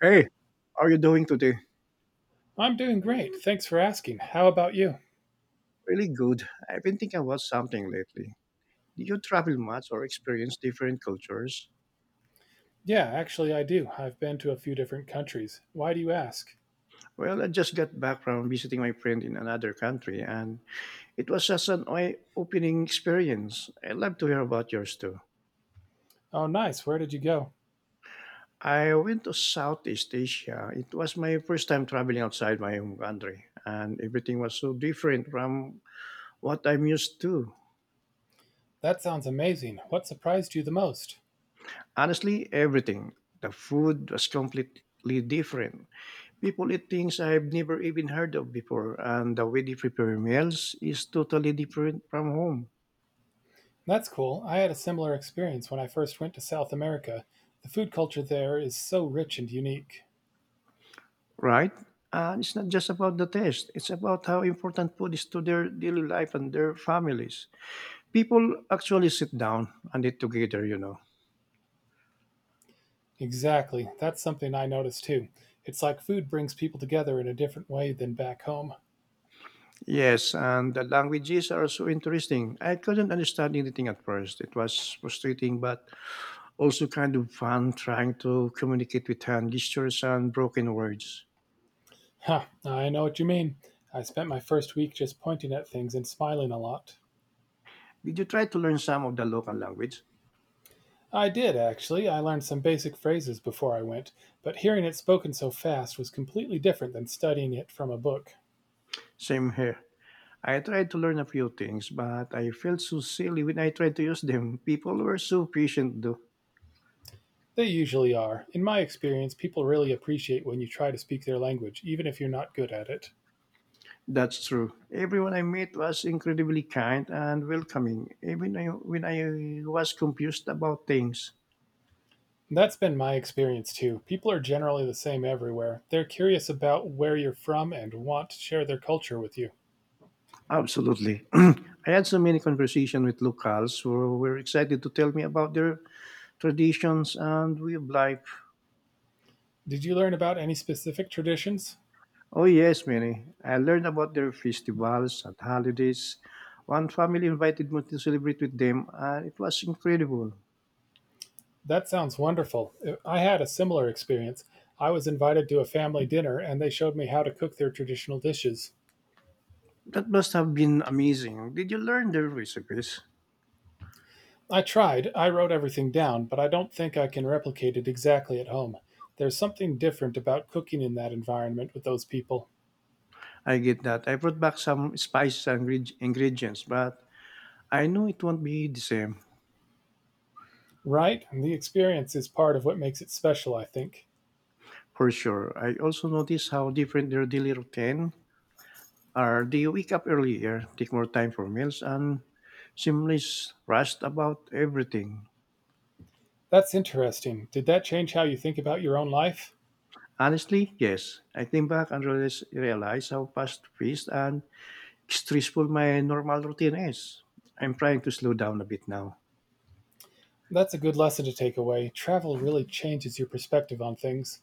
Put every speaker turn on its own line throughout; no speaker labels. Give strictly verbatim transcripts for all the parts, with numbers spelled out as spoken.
Hey, how are you doing today?
I'm doing great. Thanks for asking. How about you?
Really good. I've been thinking about something lately. Did you travel much or experience different cultures?
Yeah, actually, I do. I've been to a few different countries. Why do you ask?
Well, I just got back from visiting my friend in another country, and it was just an eye-opening experience. I'd love to hear about yours too.
Oh, nice. Where did you go?
I went to Southeast Asia. It was my first time traveling outside my home country, and everything was so different from what I'm used to.
That sounds amazing. What surprised you the most?
Honestly, everything. The food was completely different. People eat things I've never even heard of before, and the way they prepare meals is totally different from home,
That's cool. I had a similar experience when I first went to South America. The food culture there is so rich and unique.
right? And it's not just about the taste, it's about how important food is to their daily life and their families. People actually sit down and eat together, you know.
Exactly. That's something I noticed too. It's like food brings people together in a different way than back home.
Yes, and the languages are so interesting. I couldn't understand anything at first. It was frustrating, but also kind of fun trying to communicate with hand gestures and broken words.
Huh, I know what you mean. I spent my first week just pointing at things and smiling a lot.
Did you try to learn some of the local language?
I did, actually. I learned some basic phrases before I went, but hearing it spoken so fast was completely different than studying it from a book.
Same here. I tried to learn a few things, but I felt so silly when I tried to use them. People were so patient, though.
They usually are. In my experience, people really appreciate when you try to speak their language, even if you're not good at it.
That's true. Everyone I met was incredibly kind and welcoming, even I- when I was confused about things.
That's been my experience too. People are generally the same everywhere. They're curious about where you're from and want to share their culture with you.
Absolutely. I had so many conversations with locals who were excited to tell me about their traditions and way of life.
Did you learn about any specific traditions?
Oh, yes, many. I learned about their festivals and holidays. One family invited me to celebrate with them, and it was incredible.
That sounds wonderful. I had a similar experience. I was invited to a family dinner and they showed me how to cook their traditional dishes.
That must have been amazing. Did you learn their recipes?
I tried, I wrote everything down, but I don't think I can replicate it exactly at home. There's something different about cooking in that environment with those people.
I get that. I brought back some spices and ingre- ingredients, but I know it won't be the same
Right? And the experience is part of what makes it special, I think.
for sure. I also noticed how different their daily routine are. They wake up earlier, take more time for meals, and seemless rushed about everything.
That's interesting. Did that change how you think about your own life?
Honestly, yes. I think back and realis- realize how fast-paced and stressful my normal routine is. I'm trying to slow down a bit now.
That's a good lesson to take away. Travel really changes your perspective on things.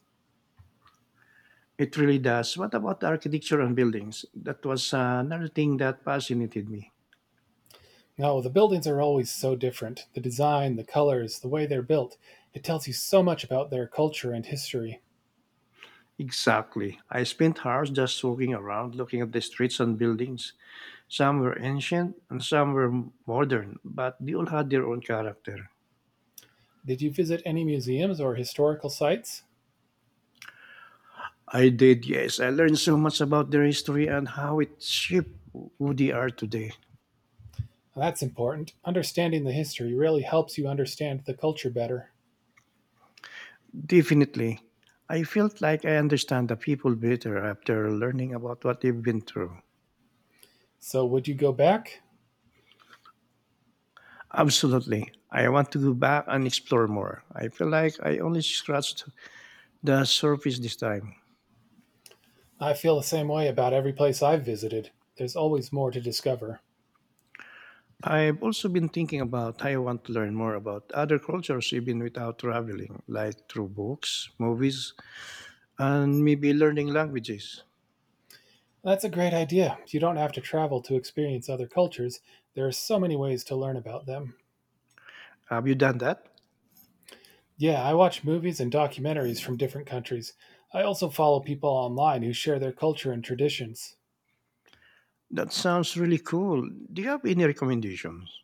It really does. What about the architecture and buildings? That was another thing that fascinated me.
No, the buildings are always so different. The design, the colors, the way they're built. It tells you so much about their culture and history.
Exactly. I spent hours just walking around looking at the streets and buildings. Some were ancient and some were modern, but they all had their own character.
Did you visit any museums or historical sites?
I did, yes. I learned so much about their history and how it shaped who they are today.
Well, that's important. Understanding the history really helps you understand the culture better.
Definitely. I felt like I understand the people better after learning about what they've been through.
So, would you go back?
Absolutely. I want to go back and explore more. I feel like I only scratched the surface this time.
I feel the same way about every place I've visited. There's always more to discover.
I've also been thinking about how I want to learn more about other cultures even without traveling, like through books, movies, and maybe learning languages.
That's a great idea. You don't have to travel to experience other cultures. There are so many ways to learn about them.
Have you done that?
Yeah, I watch movies and documentaries from different countries. I also follow people online who share their culture and traditions.
That sounds really cool. Do you have any recommendations?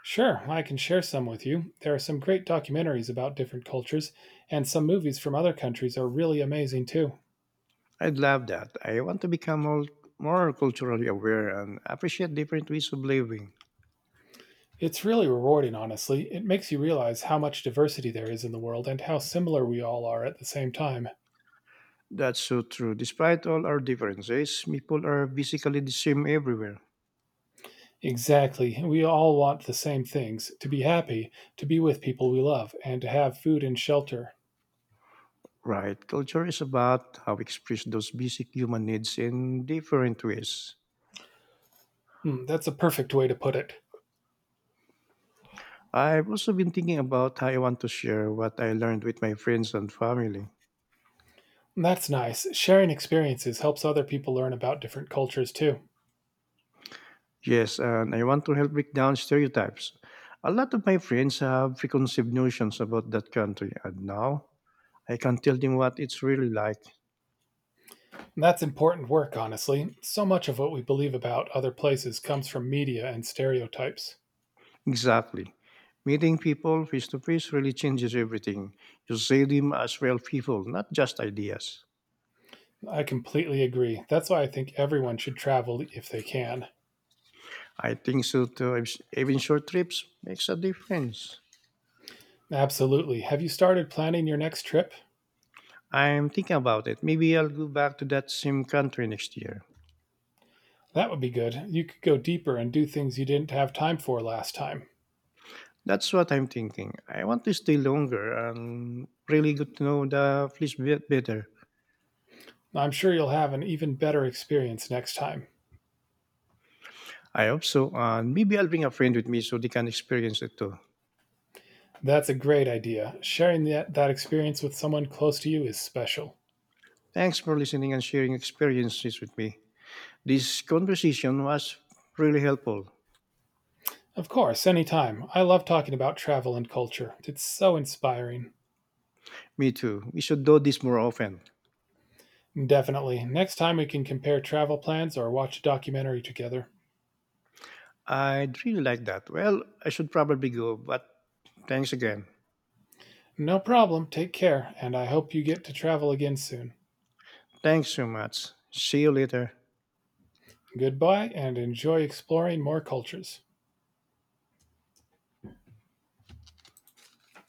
Sure, I can share some with you. There are some great documentaries about different cultures, and some movies from other countries are really amazing too.
I'd love that. I want to become more, more culturally aware and appreciate different ways of living.
It's really rewarding, honestly. It makes you realize how much diversity there is in the world and how similar we all are at the same time.
That's so true. Despite all our differences, people are basically the same everywhere.
Exactly. We all want the same things, to be happy, to be with people we love, and to have food and shelter.
Right? Culture is about how we express those basic human needs in different ways.
Hmm, that's a perfect way to put it.
I've also been thinking about how I want to share what I learned with my friends and family.
That's nice. Sharing experiences helps other people learn about different cultures too.
Yes, and I want to help break down stereotypes. A lot of my friends have preconceived notions about that country, and now I can tell them what it's really like.
And that's important work, honestly. So much of what we believe about other places comes from media and stereotypes.
Exactly. Meeting people face to face really changes everything. You see them as real people, not just ideas.
I completely agree. That's why I think everyone should travel if they can.
I think so too. I've- Even short trips makes a difference.
Absolutely. Have you started planning your next trip?
I'm thinking about it. Maybe I'll go back to that same country next year.
That would be good. You could go deeper and do things you didn't have time for last time.
That's what I'm thinking. I want to stay longer and really good to know the place bit better.
I'm sure you'll have an even better experience next time.
I hope so. And maybe I'll bring a friend with me so they can experience it too.
That's a great idea. Sharing that, that experience with someone close to you is special.
Thanks for listening and sharing experiences with me. This conversation was really helpful.
Of course, anytime. I love talking about travel and culture. It's so inspiring.
Me too. We should do this more often.
Definitely. Next time we can compare travel plans or watch a documentary together.
I'd really like that. Well, I should probably go, but thanks again.
No problem. Take care, and I hope you get to travel again soon.
Thanks so much. See you later.
Goodbye, and enjoy exploring more cultures.